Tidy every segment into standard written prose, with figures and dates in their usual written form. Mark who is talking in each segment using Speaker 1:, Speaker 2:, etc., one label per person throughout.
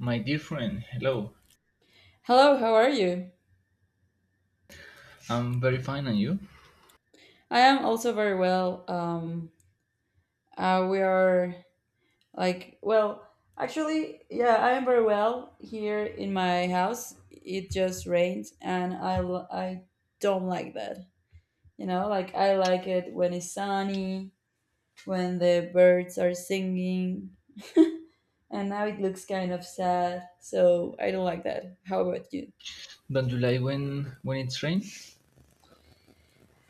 Speaker 1: My dear friend, hello.
Speaker 2: Hello, how are you?
Speaker 1: I'm very fine, and you?
Speaker 2: I am also very well. We are like, well, actually, Yeah, I am very well here in my house. It just rained, and I don't like that. You know, like I like it when it's sunny, when the birds are singing, and now it looks kind of sad. So I don't like that. How about you?
Speaker 1: Don't you like when it's rain?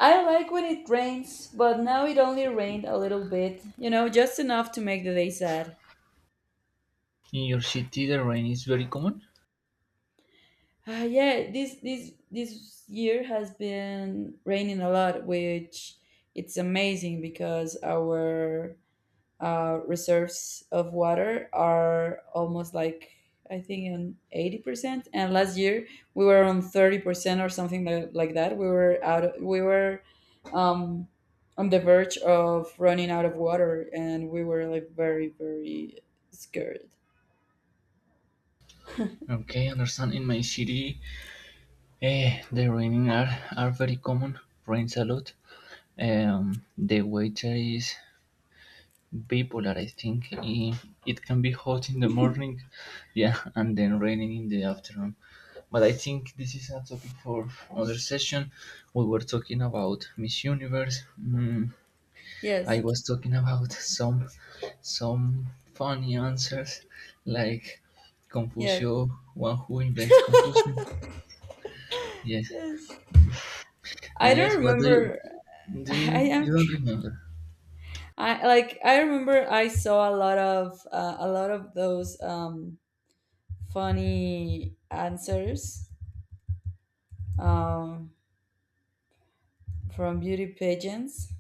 Speaker 2: I like when it rains, but now it only rained a little bit. You know, just enough to make the day sad.
Speaker 1: In your city, the rain is very common.
Speaker 2: Yeah, this year has been raining a lot, which it's amazing because our reserves of water are almost like I think on 80%, and last year we were on 30% or something like that. We were out. Of, we were um, on the verge of running out of water, and we were like very scared.
Speaker 1: Okay, understand. In my city, the raining are very common. Rains a lot. The weather is bipolar. I think it can be hot in the morning, yeah, and then raining in the afternoon. But I think this is a topic for other session. We were talking about Miss Universe. Mm, I
Speaker 2: Yes,
Speaker 1: was talking about some funny answers like
Speaker 2: yes,
Speaker 1: Confucio, one who invents confusion. Yes,
Speaker 2: yes. I
Speaker 1: and
Speaker 2: don't
Speaker 1: yes, what do you
Speaker 2: remember.
Speaker 1: do?
Speaker 2: I
Speaker 1: You
Speaker 2: am.
Speaker 1: don't
Speaker 2: Tr-
Speaker 1: remember?
Speaker 2: I like. I remember. I saw a lot of those funny answers um, from beauty pageants,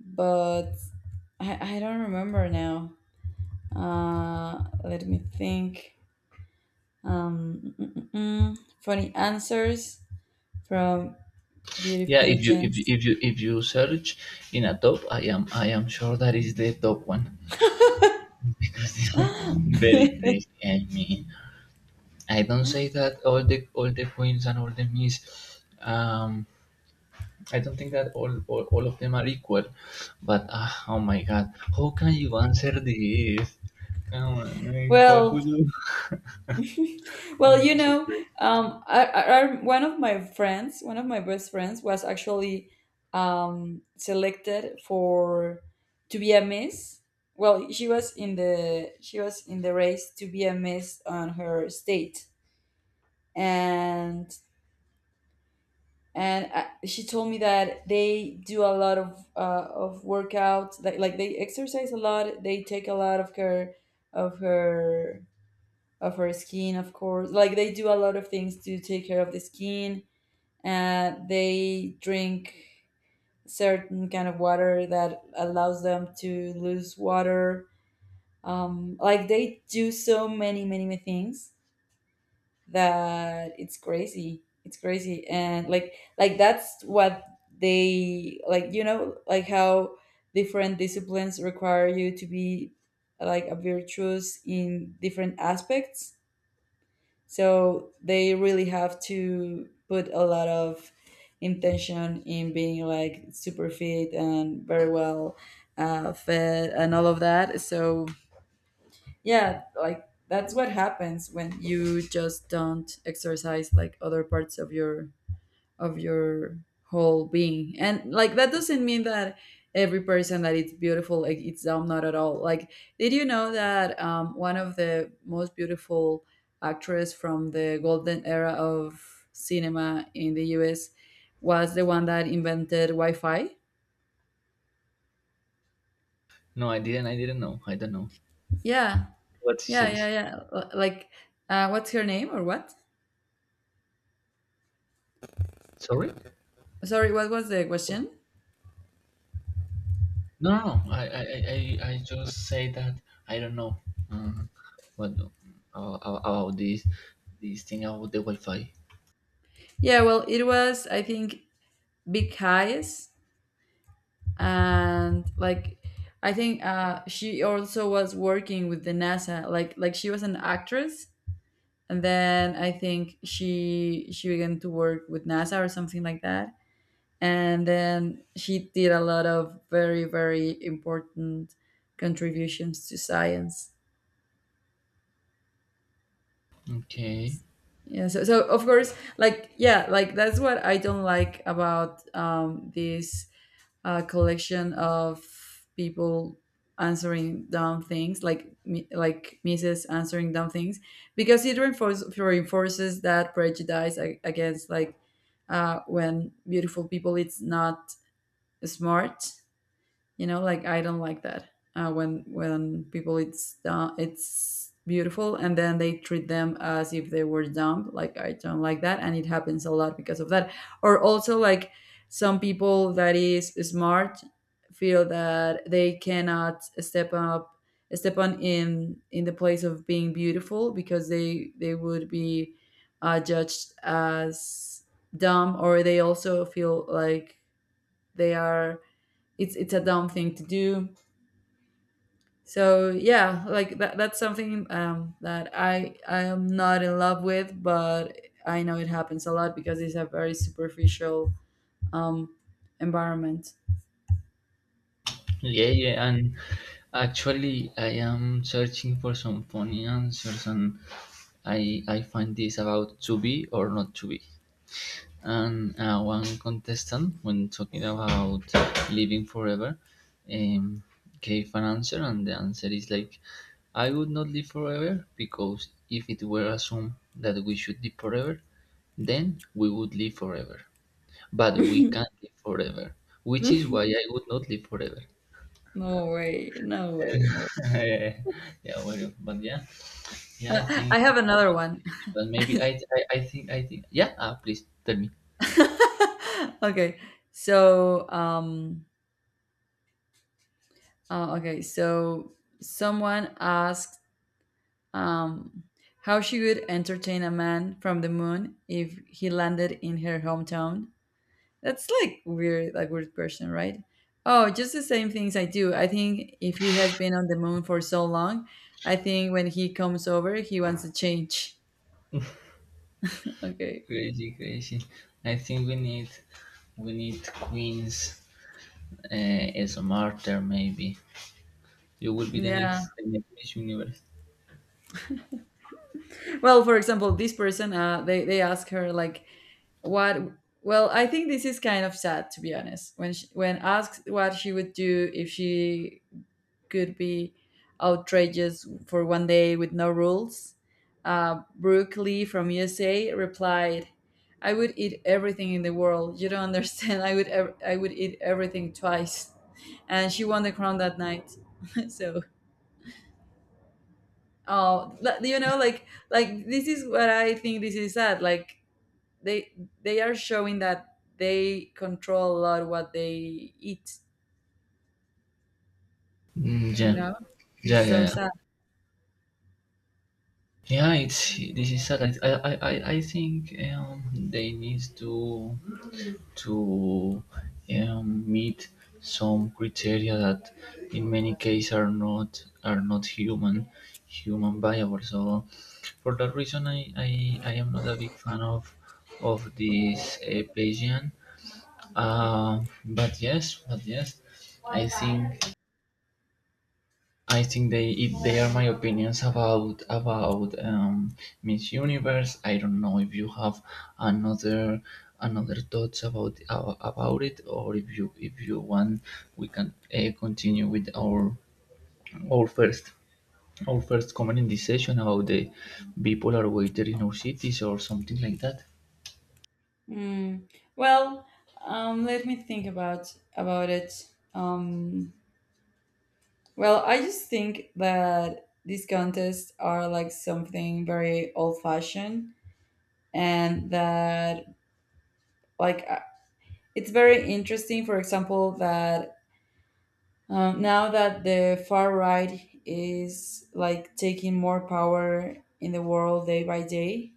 Speaker 2: but I don't remember now. Let me think. Funny answers from beauty
Speaker 1: Yeah, if you if you,
Speaker 2: pageants.
Speaker 1: if you if you search in a top, I am sure that is the top one because they are very crazy. I mean, I don't say that all the queens and all the miss um I don't think that all of them are equal, but oh my god, how can you answer this? Come on, I confuse
Speaker 2: well,
Speaker 1: you. No,
Speaker 2: Well,
Speaker 1: no,
Speaker 2: you
Speaker 1: so
Speaker 2: know,
Speaker 1: great.
Speaker 2: one of my friends, one of my best friends, was actually selected for to be a miss. Well, she was in the race to be a miss on her state, and she told me that they do a lot of workouts, like they exercise a lot, they take a lot of care of her of her skin, of course. Like they do a lot of things to take care of the skin. They drink certain kind of water that allows them to lose water. Like they do so many things that it's crazy. It's crazy, and like that's what they like. You know, like how different disciplines require you to be like a virtuous in different aspects, so they really have to put a lot of intention in being like super fit and very well fed and all of that. So yeah, like that's what happens when you just don't exercise like other parts of your whole being, and like that doesn't mean that every person that it's beautiful like it's dumb. Not at all. Like did you know that one of the most beautiful actress from the golden era of cinema in the US was the one that invented Wi-Fi?
Speaker 1: No, I didn't know. I don't know
Speaker 2: yeah
Speaker 1: what she says.
Speaker 2: yeah L- like what's her name or what?
Speaker 1: Sorry?
Speaker 2: Sorry, what was the question?
Speaker 1: No, no, no. I just say that I don't know. Uh, what about this thing about the Wi-Fi?
Speaker 2: Yeah, well, it was, I think, big eyes and like I think she also was working with the NASA. Like she was an actress, and then I think she began to work with NASA or something like that. And then she did a lot of very important contributions to science.
Speaker 1: Okay.
Speaker 2: Yeah. So so of course, like yeah, like that's what I don't like about this, a collection of people answering dumb things like like Mrs. answering dumb things because it reinforces that prejudice against like when beautiful people it's not smart. You know, like I don't like that. When people it's beautiful and then they treat them as if they were dumb. Like I don't like that, and it happens a lot because of that. Or also, like some people that is smart feel that they cannot step up, step on in the place of being beautiful because they would be judged as dumb, or they also feel like they are it's a dumb thing to do. So yeah, like that's something that I am not in love with, but I know it happens a lot because it's a very superficial um, environment.
Speaker 1: Yeah, yeah, and actually, I am searching for some funny answers and I find this about to be or not to be. And one contestant, when talking about living forever, um, gave an answer, and the answer is like, I would not live forever because if it were assumed that we should live forever, then we would live forever. But we
Speaker 2: No
Speaker 1: can't live forever, which is why I would not live forever.
Speaker 2: way, no way, no.
Speaker 1: yeah, well, but yeah, yeah, I
Speaker 2: I
Speaker 1: think,
Speaker 2: have another one.
Speaker 1: but maybe yeah, ah, please tell me.
Speaker 2: Okay, so uh, okay so someone asked um, how she would entertain a man from the moon if he landed in her hometown. That's like weird question, right? Oh, just the same things I do. I think if he has been on the moon for so long, I think when he comes over, he wants to change. Okay.
Speaker 1: Crazy, crazy. I think we need We need queens as a martyr. Maybe you will be
Speaker 2: Yeah.
Speaker 1: the next Miss Universe.
Speaker 2: Well, for example, this person, they ask her like, what? Well, I think this is kind of sad, to be honest. When she, when asked what she would do if she could be outrageous for one day with no rules. Brooke Lee from USA replied, "I would eat everything in the world. You don't understand. I would eat everything twice." And she won the crown that night. So, oh, you know, like this is what I think. This is sad. Like they they are showing that they control a lot what they eat.
Speaker 1: Mm,
Speaker 2: You know, this is so
Speaker 1: yeah.
Speaker 2: sad.
Speaker 1: Yeah, it's this is sad. I think they need to meet some criteria that in many cases are not human viable. So for that reason, I am not a big fan of this Bayesian. But yes, I think I think they if they are my opinions about Miss Universe. I don't know if you have another another thoughts about it, or if you want, we can continue with our first our first comment in this session about the bipolar waiter in our cities or something like that.
Speaker 2: Mm, well, let me think about it. Well, I just think that these contests are like something very old-fashioned, and that like uh, it's very interesting. For example, that now that the far right is like taking more power in the world day by day,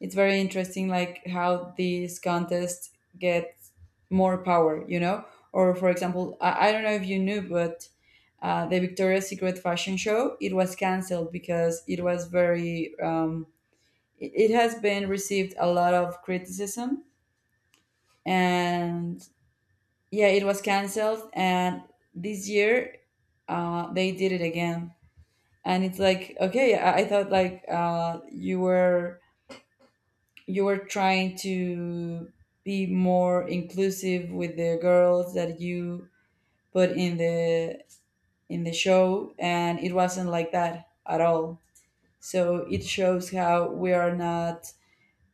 Speaker 2: it's very interesting like how these contests get more power, you know. Or for example, I don't know if you knew, but the Victoria's Secret fashion show, it was cancelled because it was very it has been received a lot of criticism, and yeah, it was cancelled, and this year they did it again. And it's like, okay, I thought like you were trying to be more inclusive with the girls that you put in the show, and it wasn't like that at all. So it shows how we are not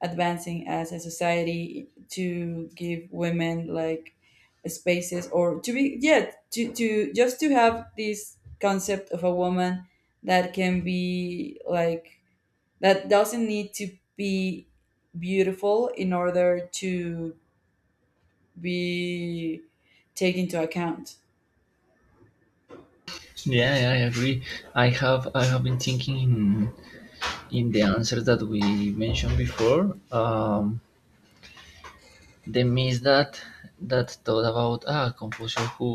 Speaker 2: advancing as a society to give women like spaces, or to be yeah, to just to have this concept of a woman that can be like that doesn't need to be beautiful in order to be taken into account.
Speaker 1: Yeah, yeah, I agree. I have been thinking in the answers that we mentioned before. The miss that that thought about ah composer who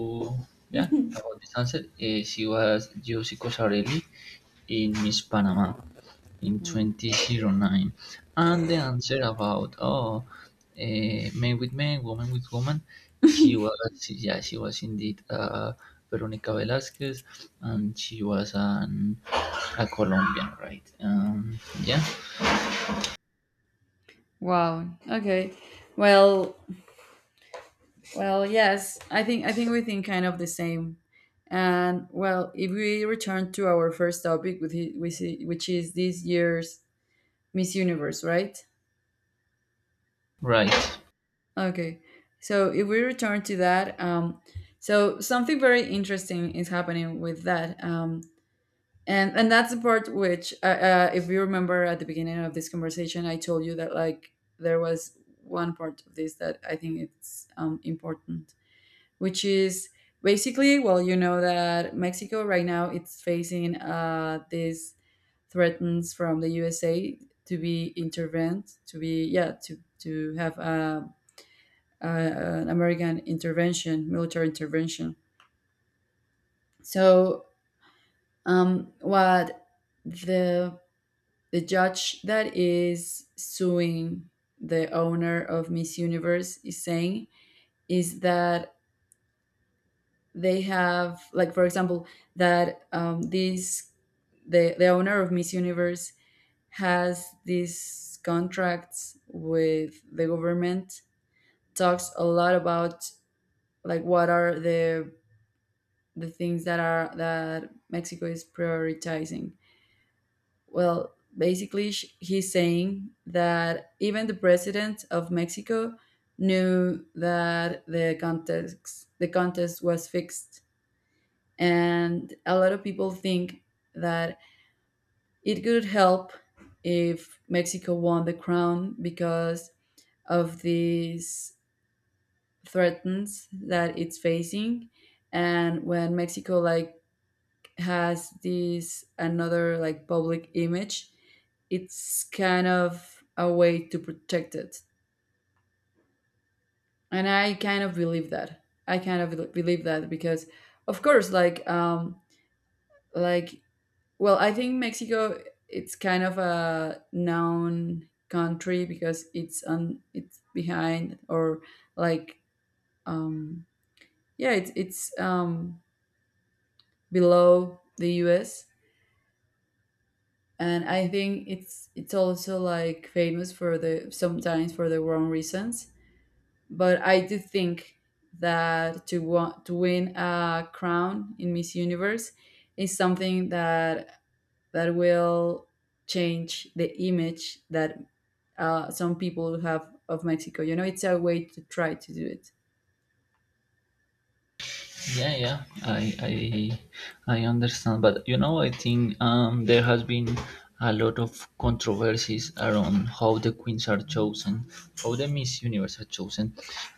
Speaker 1: yeah about this answer. She was Yosiko Sarelli in Miss Panama in
Speaker 2: Hmm.
Speaker 1: 2009, and the answer about oh men with men woman with woman she was yeah she was indeed veronica velasquez and she was an a colombian, right? Yeah,
Speaker 2: Wow. Okay. Well, well, yes. I think we think kind of the same. And well, if we return to our first topic, with which is this year's Miss Universe, right?
Speaker 1: right.
Speaker 2: Okay. So if we return to that, so something very interesting is happening with that. And that's the part which if you remember at the beginning of this conversation I told you that like there was one part of this that I think it's important, which is basically, well, you know that Mexico right now it's facing these threats from the USA to be intervened, to be yeah, to have an American intervention, military intervention. So what the the judge that is suing the owner of Miss Universe is saying is that they have, like, for example, that this the owner of Miss Universe has these contracts with the government. Talks a lot about like what are the things that are that Mexico is prioritizing. Well, basically, he's saying that even the president of Mexico knew that the contest was fixed, and a lot of people think that it could help if Mexico won the crown because of these threats that it's facing. And when Mexico like has this another like public image, it's kind of a way to protect it. And I kind of believe that. I kind of believe that because of course, like like well, I think Mexico it's kind of a known country because it's on it's behind or like um yeah it's below the US. And I think it's also like famous for the, sometimes for the wrong reasons. But I do think that to to win a crown in Miss Universe is something that that will change the image that some people have of Mexico. You know, it's a way to try to do it.
Speaker 1: Yeah, yeah, I understand, but you know, I think there has been a lot of controversies around how the queens are chosen, how the Miss Universe are chosen.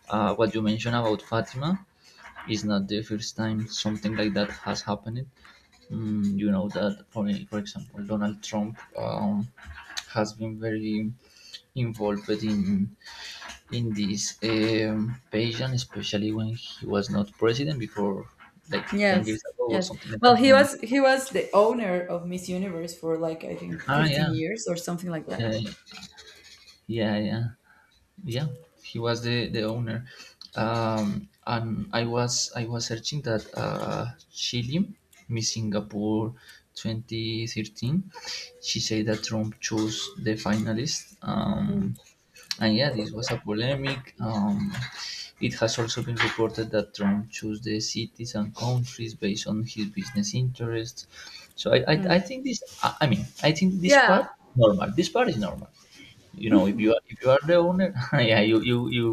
Speaker 1: What you mentioned about Fatima is not the first time something like that has happened. Mm, you know that, for example, Donald Trump has been very involved in this patient, especially when he was not president before, like ten
Speaker 2: Yes,
Speaker 1: years ago or
Speaker 2: yes.
Speaker 1: something like
Speaker 2: Well,
Speaker 1: that. Yeah.
Speaker 2: he was the owner of Miss Universe for like I think
Speaker 1: Ah,
Speaker 2: 15 years or something like that.
Speaker 1: yeah, yeah, yeah, yeah. He was the owner, and I was searching that Chile, Miss Singapore, 2013. She said that Trump chose the finalist. And yeah, this was a polemic. It has also been reported that Trump chose the cities and countries based on his business interests. So I think this, I mean, I think this part
Speaker 2: Yeah.
Speaker 1: normal. This part is normal, you know? If you are if you are the owner yeah you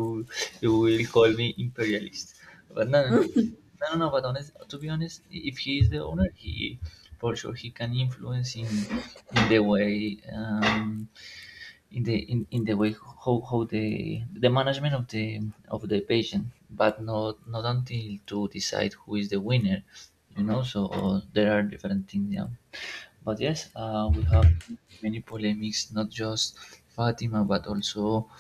Speaker 1: you will call me imperialist, but no, but honest to be honest, if he is the owner, he for sure he can influence in the way in in the way how the management of the patient, but not not until to decide who is the winner, you know? So oh, there are different things, yeah. But yes, we have many polemics, not just Fatima, but also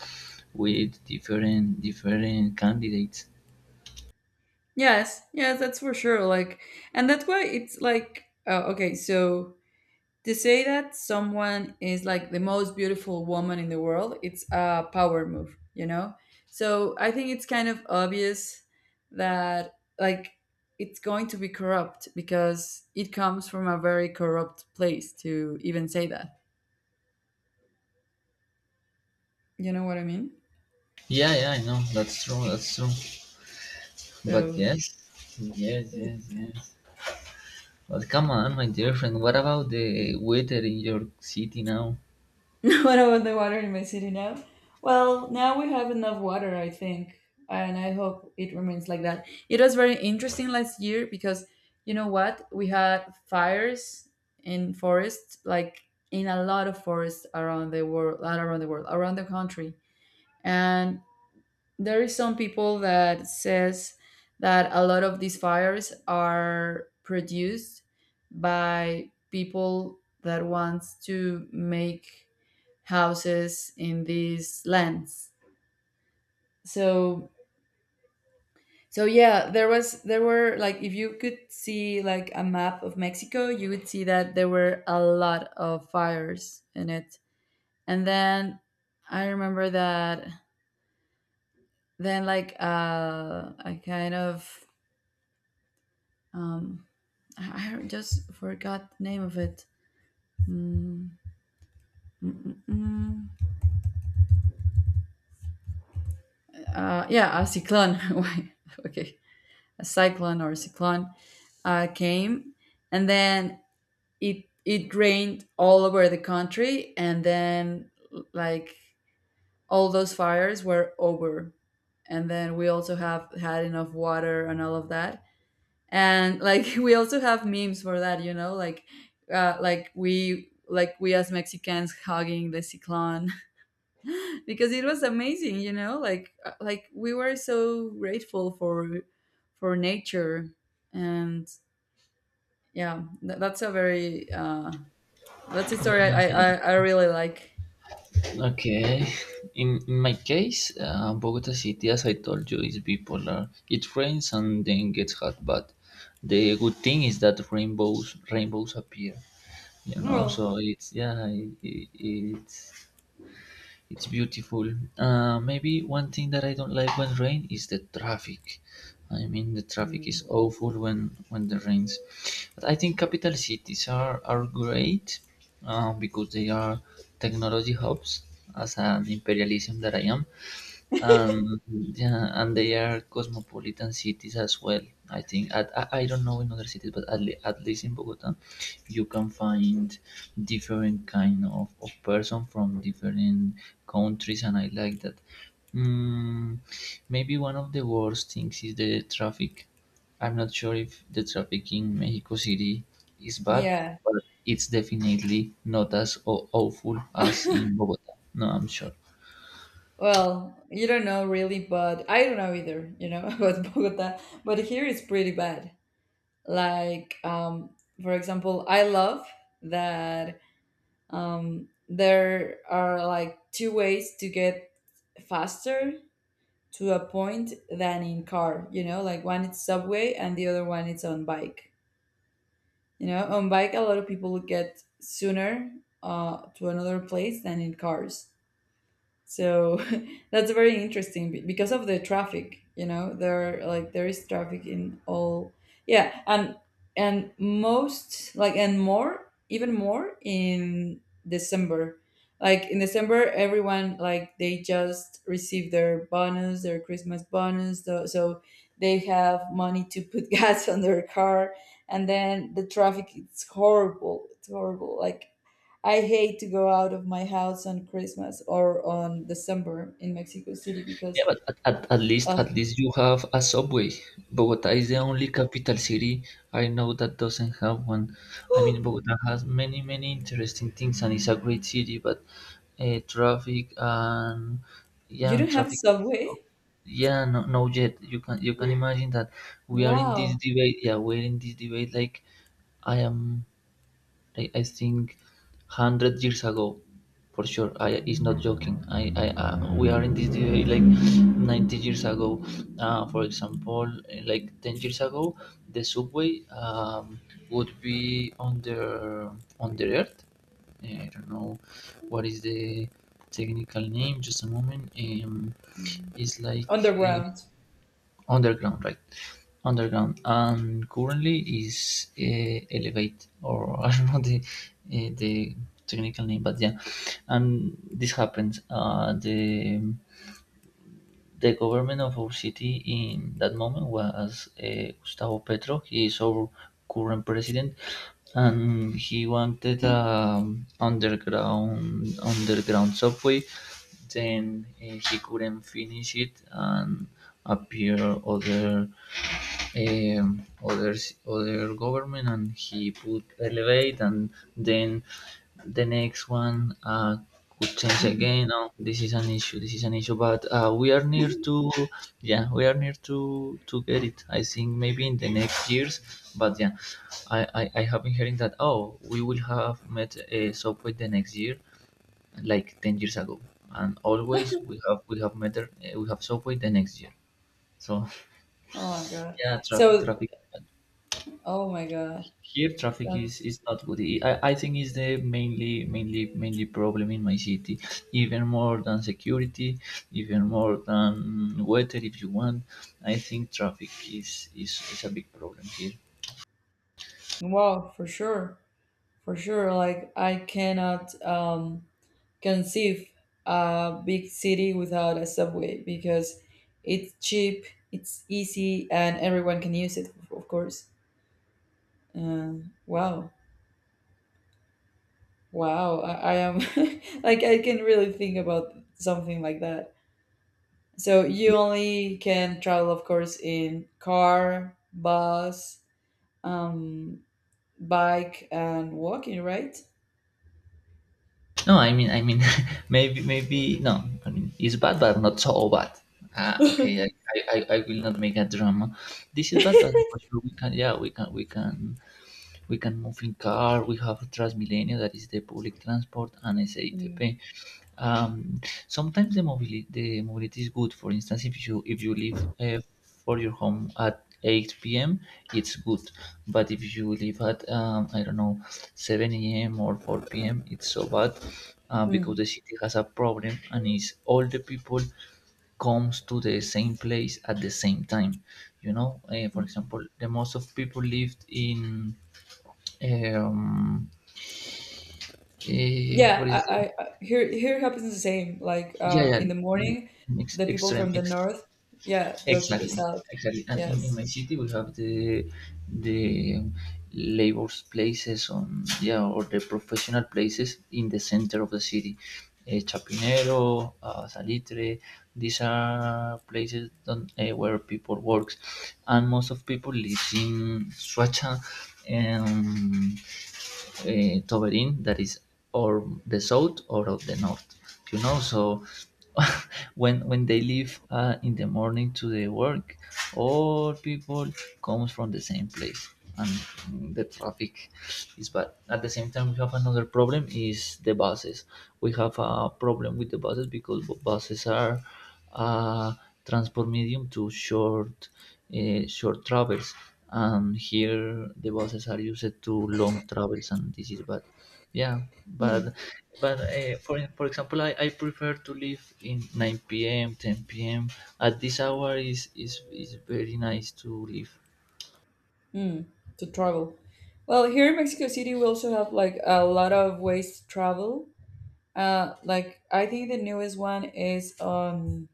Speaker 1: with different candidates.
Speaker 2: Yes. Yes, that's for sure. Like, and that's why it's like okay, so to say that someone is like the most beautiful woman in the world, it's a power move, you know? So I think it's kind of obvious that like it's going to be corrupt because it comes from a very corrupt place to even say that. You know what I mean?
Speaker 1: Yeah, yeah, I know. That's true. That's true. But
Speaker 2: So
Speaker 1: yes, yes. But come on, my dear friend. What about the weather in your city now?
Speaker 2: what about the water in my city now? Well, now we have enough water, I think, and I hope it remains like that. It was very interesting last year because you know what? We had fires in forests, like in a lot of forests around the world, not around the world, around the country. And there is some people that says that a lot of these fires are produced by people that wants to make houses in these lands. So so yeah, there were like if you could see like a map of Mexico, you would see that there were a lot of fires in it. And then I remember that then like I kind of um, I just forgot the name of it. Mm, mm, yeah, a cyclone. Why? Okay, a cyclone or cyclone came, and then it rained all over the country, and then like all those fires were over, and then we also have had enough water and all of that, and like we also have memes for that, like like we as mexicans hugging the cyclone. Because it was amazing, you know, like we were so grateful for nature. And yeah, that's a
Speaker 1: Yeah,
Speaker 2: story
Speaker 1: yeah.
Speaker 2: I really like.
Speaker 1: Okay. In my case, Bogota City, as I told you, is bipolar. It rains and then gets hot, but the good thing is that rainbows appear. You know, so
Speaker 2: Well,
Speaker 1: it's it's beautiful. Uh, maybe one thing that I don't like when rain is the traffic. I mean, the traffic is awful when the rains. But I think capital cities are great because they are technology hubs, as an imperialism that I am. And yeah, and they are cosmopolitan cities as well. I think I don't know in other cities, but at least in Bogota, you can find different kind of person from different countries, and I like that. Mm, maybe one of the worst things is the traffic. I'm not sure if the traffic in Mexico City is bad,
Speaker 2: yeah.
Speaker 1: but it's definitely not as awful as in Bogota. No, I'm sure.
Speaker 2: Well, you don't know really, but I don't know either, about Bogota. But here it's pretty bad. Like, for example, I love that there are like two ways to get faster to a point than in car, you know, like one it's subway and the other one it's on bike. You know, on bike, a lot of people get sooner to another place than in cars. So that's very interesting because of the traffic, you know, there are, like, there is traffic in all. Yeah, and most, like, and more, even more in December. Like in December everyone, like, they just receive their bonus, their christmas bonus, so, they have money to put gas on their car. And then the traffic, it's horrible, it's horrible. Like, I hate to go out of my house on Christmas or on December in Mexico City
Speaker 1: Yeah,
Speaker 2: because
Speaker 1: but
Speaker 2: uh,
Speaker 1: at least you have a subway. Bogota is the only capital city I know that doesn't have one. I mean, Bogota has many interesting things and it's a great city, but traffic and
Speaker 2: you
Speaker 1: yeah,
Speaker 2: don't have a
Speaker 1: traffic.
Speaker 2: subway?
Speaker 1: Yeah, no, no, yet you can imagine that we are in this
Speaker 2: Wow.
Speaker 1: debate. Yeah, we're in this debate. Like I am I think hundred years ago, for sure. I is not joking. I we are in this debate like 90 years ago. For example, like 10 years ago, the subway would be on the earth. Eh, I don't know what is the technical name. Just a moment.
Speaker 2: Mhm.
Speaker 1: It's like.
Speaker 2: Underground.
Speaker 1: Underground, right? Underground, and currently is Elevate, or I don't know the technical name, but yeah, and this happens. The government of our city in that moment was Gustavo Petro. He is our current president, and he wanted underground subway. Then he couldn't finish it, and appear other other government and he put elevate and then the next one could change
Speaker 2: Mhm.
Speaker 1: again. No, this is an issue, this is an issue, but we are near to yeah we are near to get it. I think maybe in the next years, but yeah, I have been hearing that oh we will have met a subway the next year like 10 years ago, and always we have met we have subway the next year. So
Speaker 2: Oh my God.
Speaker 1: yeah,
Speaker 2: So,
Speaker 1: traffic.
Speaker 2: oh my God.
Speaker 1: Here traffic
Speaker 2: That's,
Speaker 1: is not good. I think is the mainly problem in my city. Even more than security, even more than weather if you want. I think traffic is a big problem here.
Speaker 2: wow, for sure. For sure. Like, I cannot conceive a big city without a subway because it's cheap, it's easy, and everyone can use it, of course. Uh, wow, wow! I am like I can really think about something like that. So you only can travel, of course, in car, bus, um, bike, and walking, right?
Speaker 1: No, I mean maybe no, I mean it's bad but not so bad. Ah okay, I will not make a drama. This is bad, but for sure we can yeah we can move in car. We have Transmilenio that is the public transport and
Speaker 2: Mm.
Speaker 1: SATP. Um, sometimes the mobility is good. For instance, if you leave for your home at 8 p.m., it's good. But if you leave at I don't know, 7 a.m. or 4 p.m., it's so bad because
Speaker 2: Mm.
Speaker 1: the city has a problem and is all the people comes to the same place at the same time. You know, for example, the most of people lived in um,
Speaker 2: Yeah,
Speaker 1: what is
Speaker 2: I,
Speaker 1: it?
Speaker 2: I, I- here here happens the same. Like
Speaker 1: Yeah,
Speaker 2: in the
Speaker 1: yeah,
Speaker 2: morning,
Speaker 1: ex-
Speaker 2: the people
Speaker 1: extreme
Speaker 2: from the
Speaker 1: ex-
Speaker 2: north, yeah, go to the
Speaker 1: Exactly,
Speaker 2: south.
Speaker 1: exactly. And in
Speaker 2: Yes.
Speaker 1: my city we have the labor's places on, yeah, or the professional places in the center of the city. Chapinero, Salitre, these are places where people works, and most of people lives in Suacha. Um, Toberin, that is or the south or of the north, you know? So when they leave in the morning to the work, all people comes from the same place and mm, the traffic is bad. At the same time, we have another problem is the buses. We have a problem with the buses because buses are uh, transport medium to short, short travels, and here the buses are used to long travels and this is bad, yeah. But for example, I prefer to leave in 9 p.m, 10 p.m. At this hour is very nice to leave.
Speaker 2: Mm, to travel. Well, here in Mexico City, we also have like a lot of ways to travel. Like I think the newest one is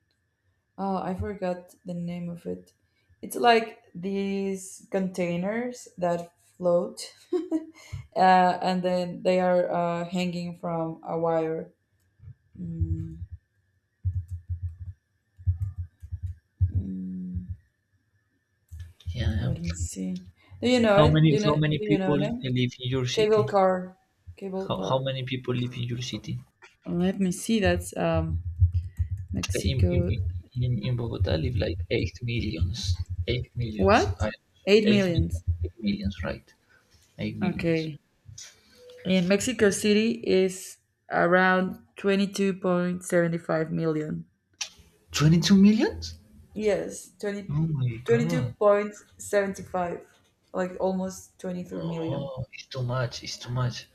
Speaker 2: oh, I forgot the name of it. It's like these containers that float, and then they are hanging from a wire. Mm, mm,
Speaker 1: Yeah, yeah.
Speaker 2: let me see. Do you know it? Do you know?
Speaker 1: How many
Speaker 2: Do you know
Speaker 1: people
Speaker 2: it?
Speaker 1: live in your
Speaker 2: Cable
Speaker 1: city?
Speaker 2: car. Cable
Speaker 1: How
Speaker 2: car.
Speaker 1: many people live in your city?
Speaker 2: Let me see. That's
Speaker 1: in,
Speaker 2: Mexico.
Speaker 1: in, in Bogota live like 8 millions. 8 millions.
Speaker 2: What? Eight
Speaker 1: 8 millions.
Speaker 2: millions.
Speaker 1: 8 millions, right? 8 millions.
Speaker 2: Okay. In Mexico City is around 22.75 million.
Speaker 1: 22 millions?
Speaker 2: Yes, twenty
Speaker 1: Oh my
Speaker 2: twenty-two
Speaker 1: god.
Speaker 2: point 75. Like almost 23 million.
Speaker 1: Oh, it's too much. It's too much.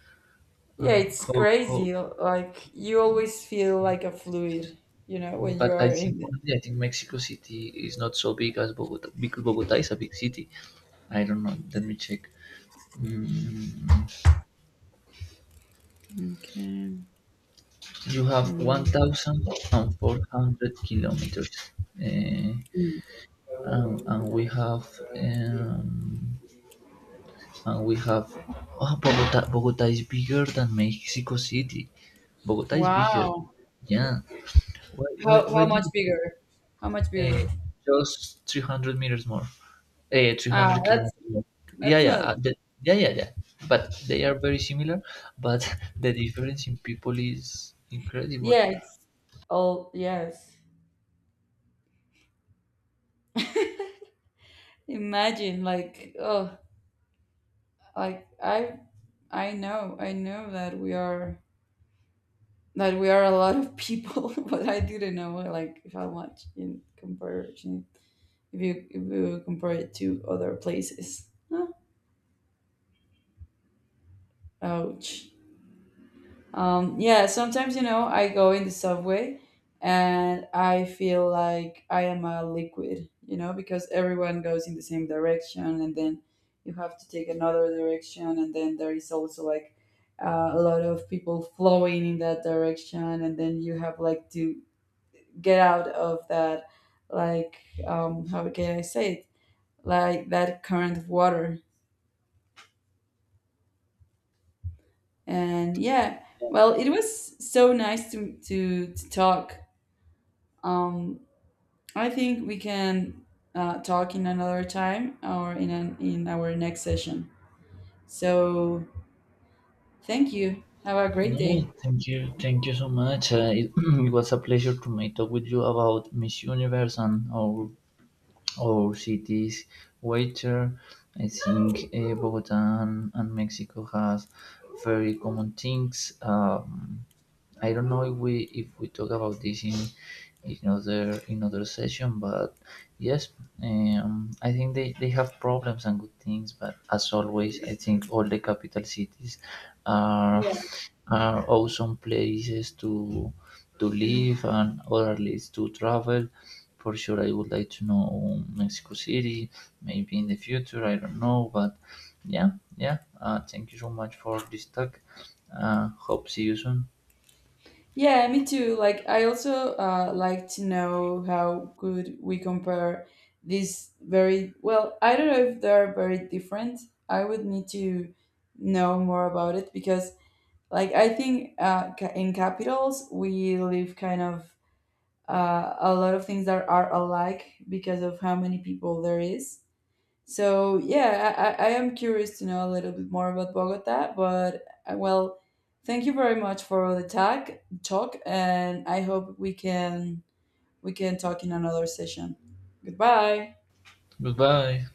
Speaker 2: Yeah,
Speaker 1: Um,
Speaker 2: it's
Speaker 1: how, how,
Speaker 2: crazy. Like you
Speaker 1: okay.
Speaker 2: always feel
Speaker 1: Mm,
Speaker 2: like a fluid, when you
Speaker 1: but I
Speaker 2: are
Speaker 1: think
Speaker 2: in it.
Speaker 1: honestly, I think Mexico City is not so big as Bogota because Bogota is a big city. I don't know. Let me check. Mm,
Speaker 2: Okay.
Speaker 1: you have
Speaker 2: Mm.
Speaker 1: 1,400 kilometers. Uh,
Speaker 2: Mm.
Speaker 1: and we have um, and we have ah Bogota. Bogota is bigger than Mexico City. Bogota is bigger.
Speaker 2: Wow.
Speaker 1: Yeah.
Speaker 2: How
Speaker 1: Why
Speaker 2: how
Speaker 1: do
Speaker 2: much
Speaker 1: you,
Speaker 2: bigger? How much bigger?
Speaker 1: uh, just 300 meters more? Three
Speaker 2: Ah,
Speaker 1: hundred
Speaker 2: that's
Speaker 1: kilometers more. Yeah
Speaker 2: that's
Speaker 1: yeah
Speaker 2: not.
Speaker 1: yeah. But they are very similar. But the difference in people is incredible.
Speaker 2: Yeah, it's all yes. Imagine, like, oh, like I know that we are a lot of people, but I didn't know like how much in comparison, if you compare it to other places. Huh? Ouch. Yeah, sometimes, I go in the subway and I feel like I am a liquid, because everyone goes in the same direction, and then you have to take another direction. And then there is also like a lot of people flowing in that direction. And then you have, like, to get out of that, like, how can I say it? Like that current of water. And yeah, well, it was so nice to talk. um I think we can talk in another time or in our next session. So thank you. Have a great
Speaker 1: No,
Speaker 2: day.
Speaker 1: thank you, so much. It was a pleasure to make talk with you about Miss Universe and our oh, cities. Waiter, I think Bogota and Mexico has very common things. I don't know if we talk about this in in other session, but yes, I think they have problems and good things, but as always, I think all the capital cities are
Speaker 2: Yeah,
Speaker 1: are awesome places to live and or at least to travel. For sure, I would like to know Mexico City, maybe in the future. I don't know, but yeah, yeah. Thank you so much for this talk. Hope see you soon.
Speaker 2: yeah, me too. Like I also like to know how could we compare these very well. I don't know if they are very different. I would need to know more about it because, like, I think in capitals we live kind of a lot of things that are alike because of how many people there is. So yeah, I am curious to know a little bit more about Bogota. But well, thank you very much for the tag talk, and I hope we can talk in another session. Goodbye.
Speaker 1: Goodbye.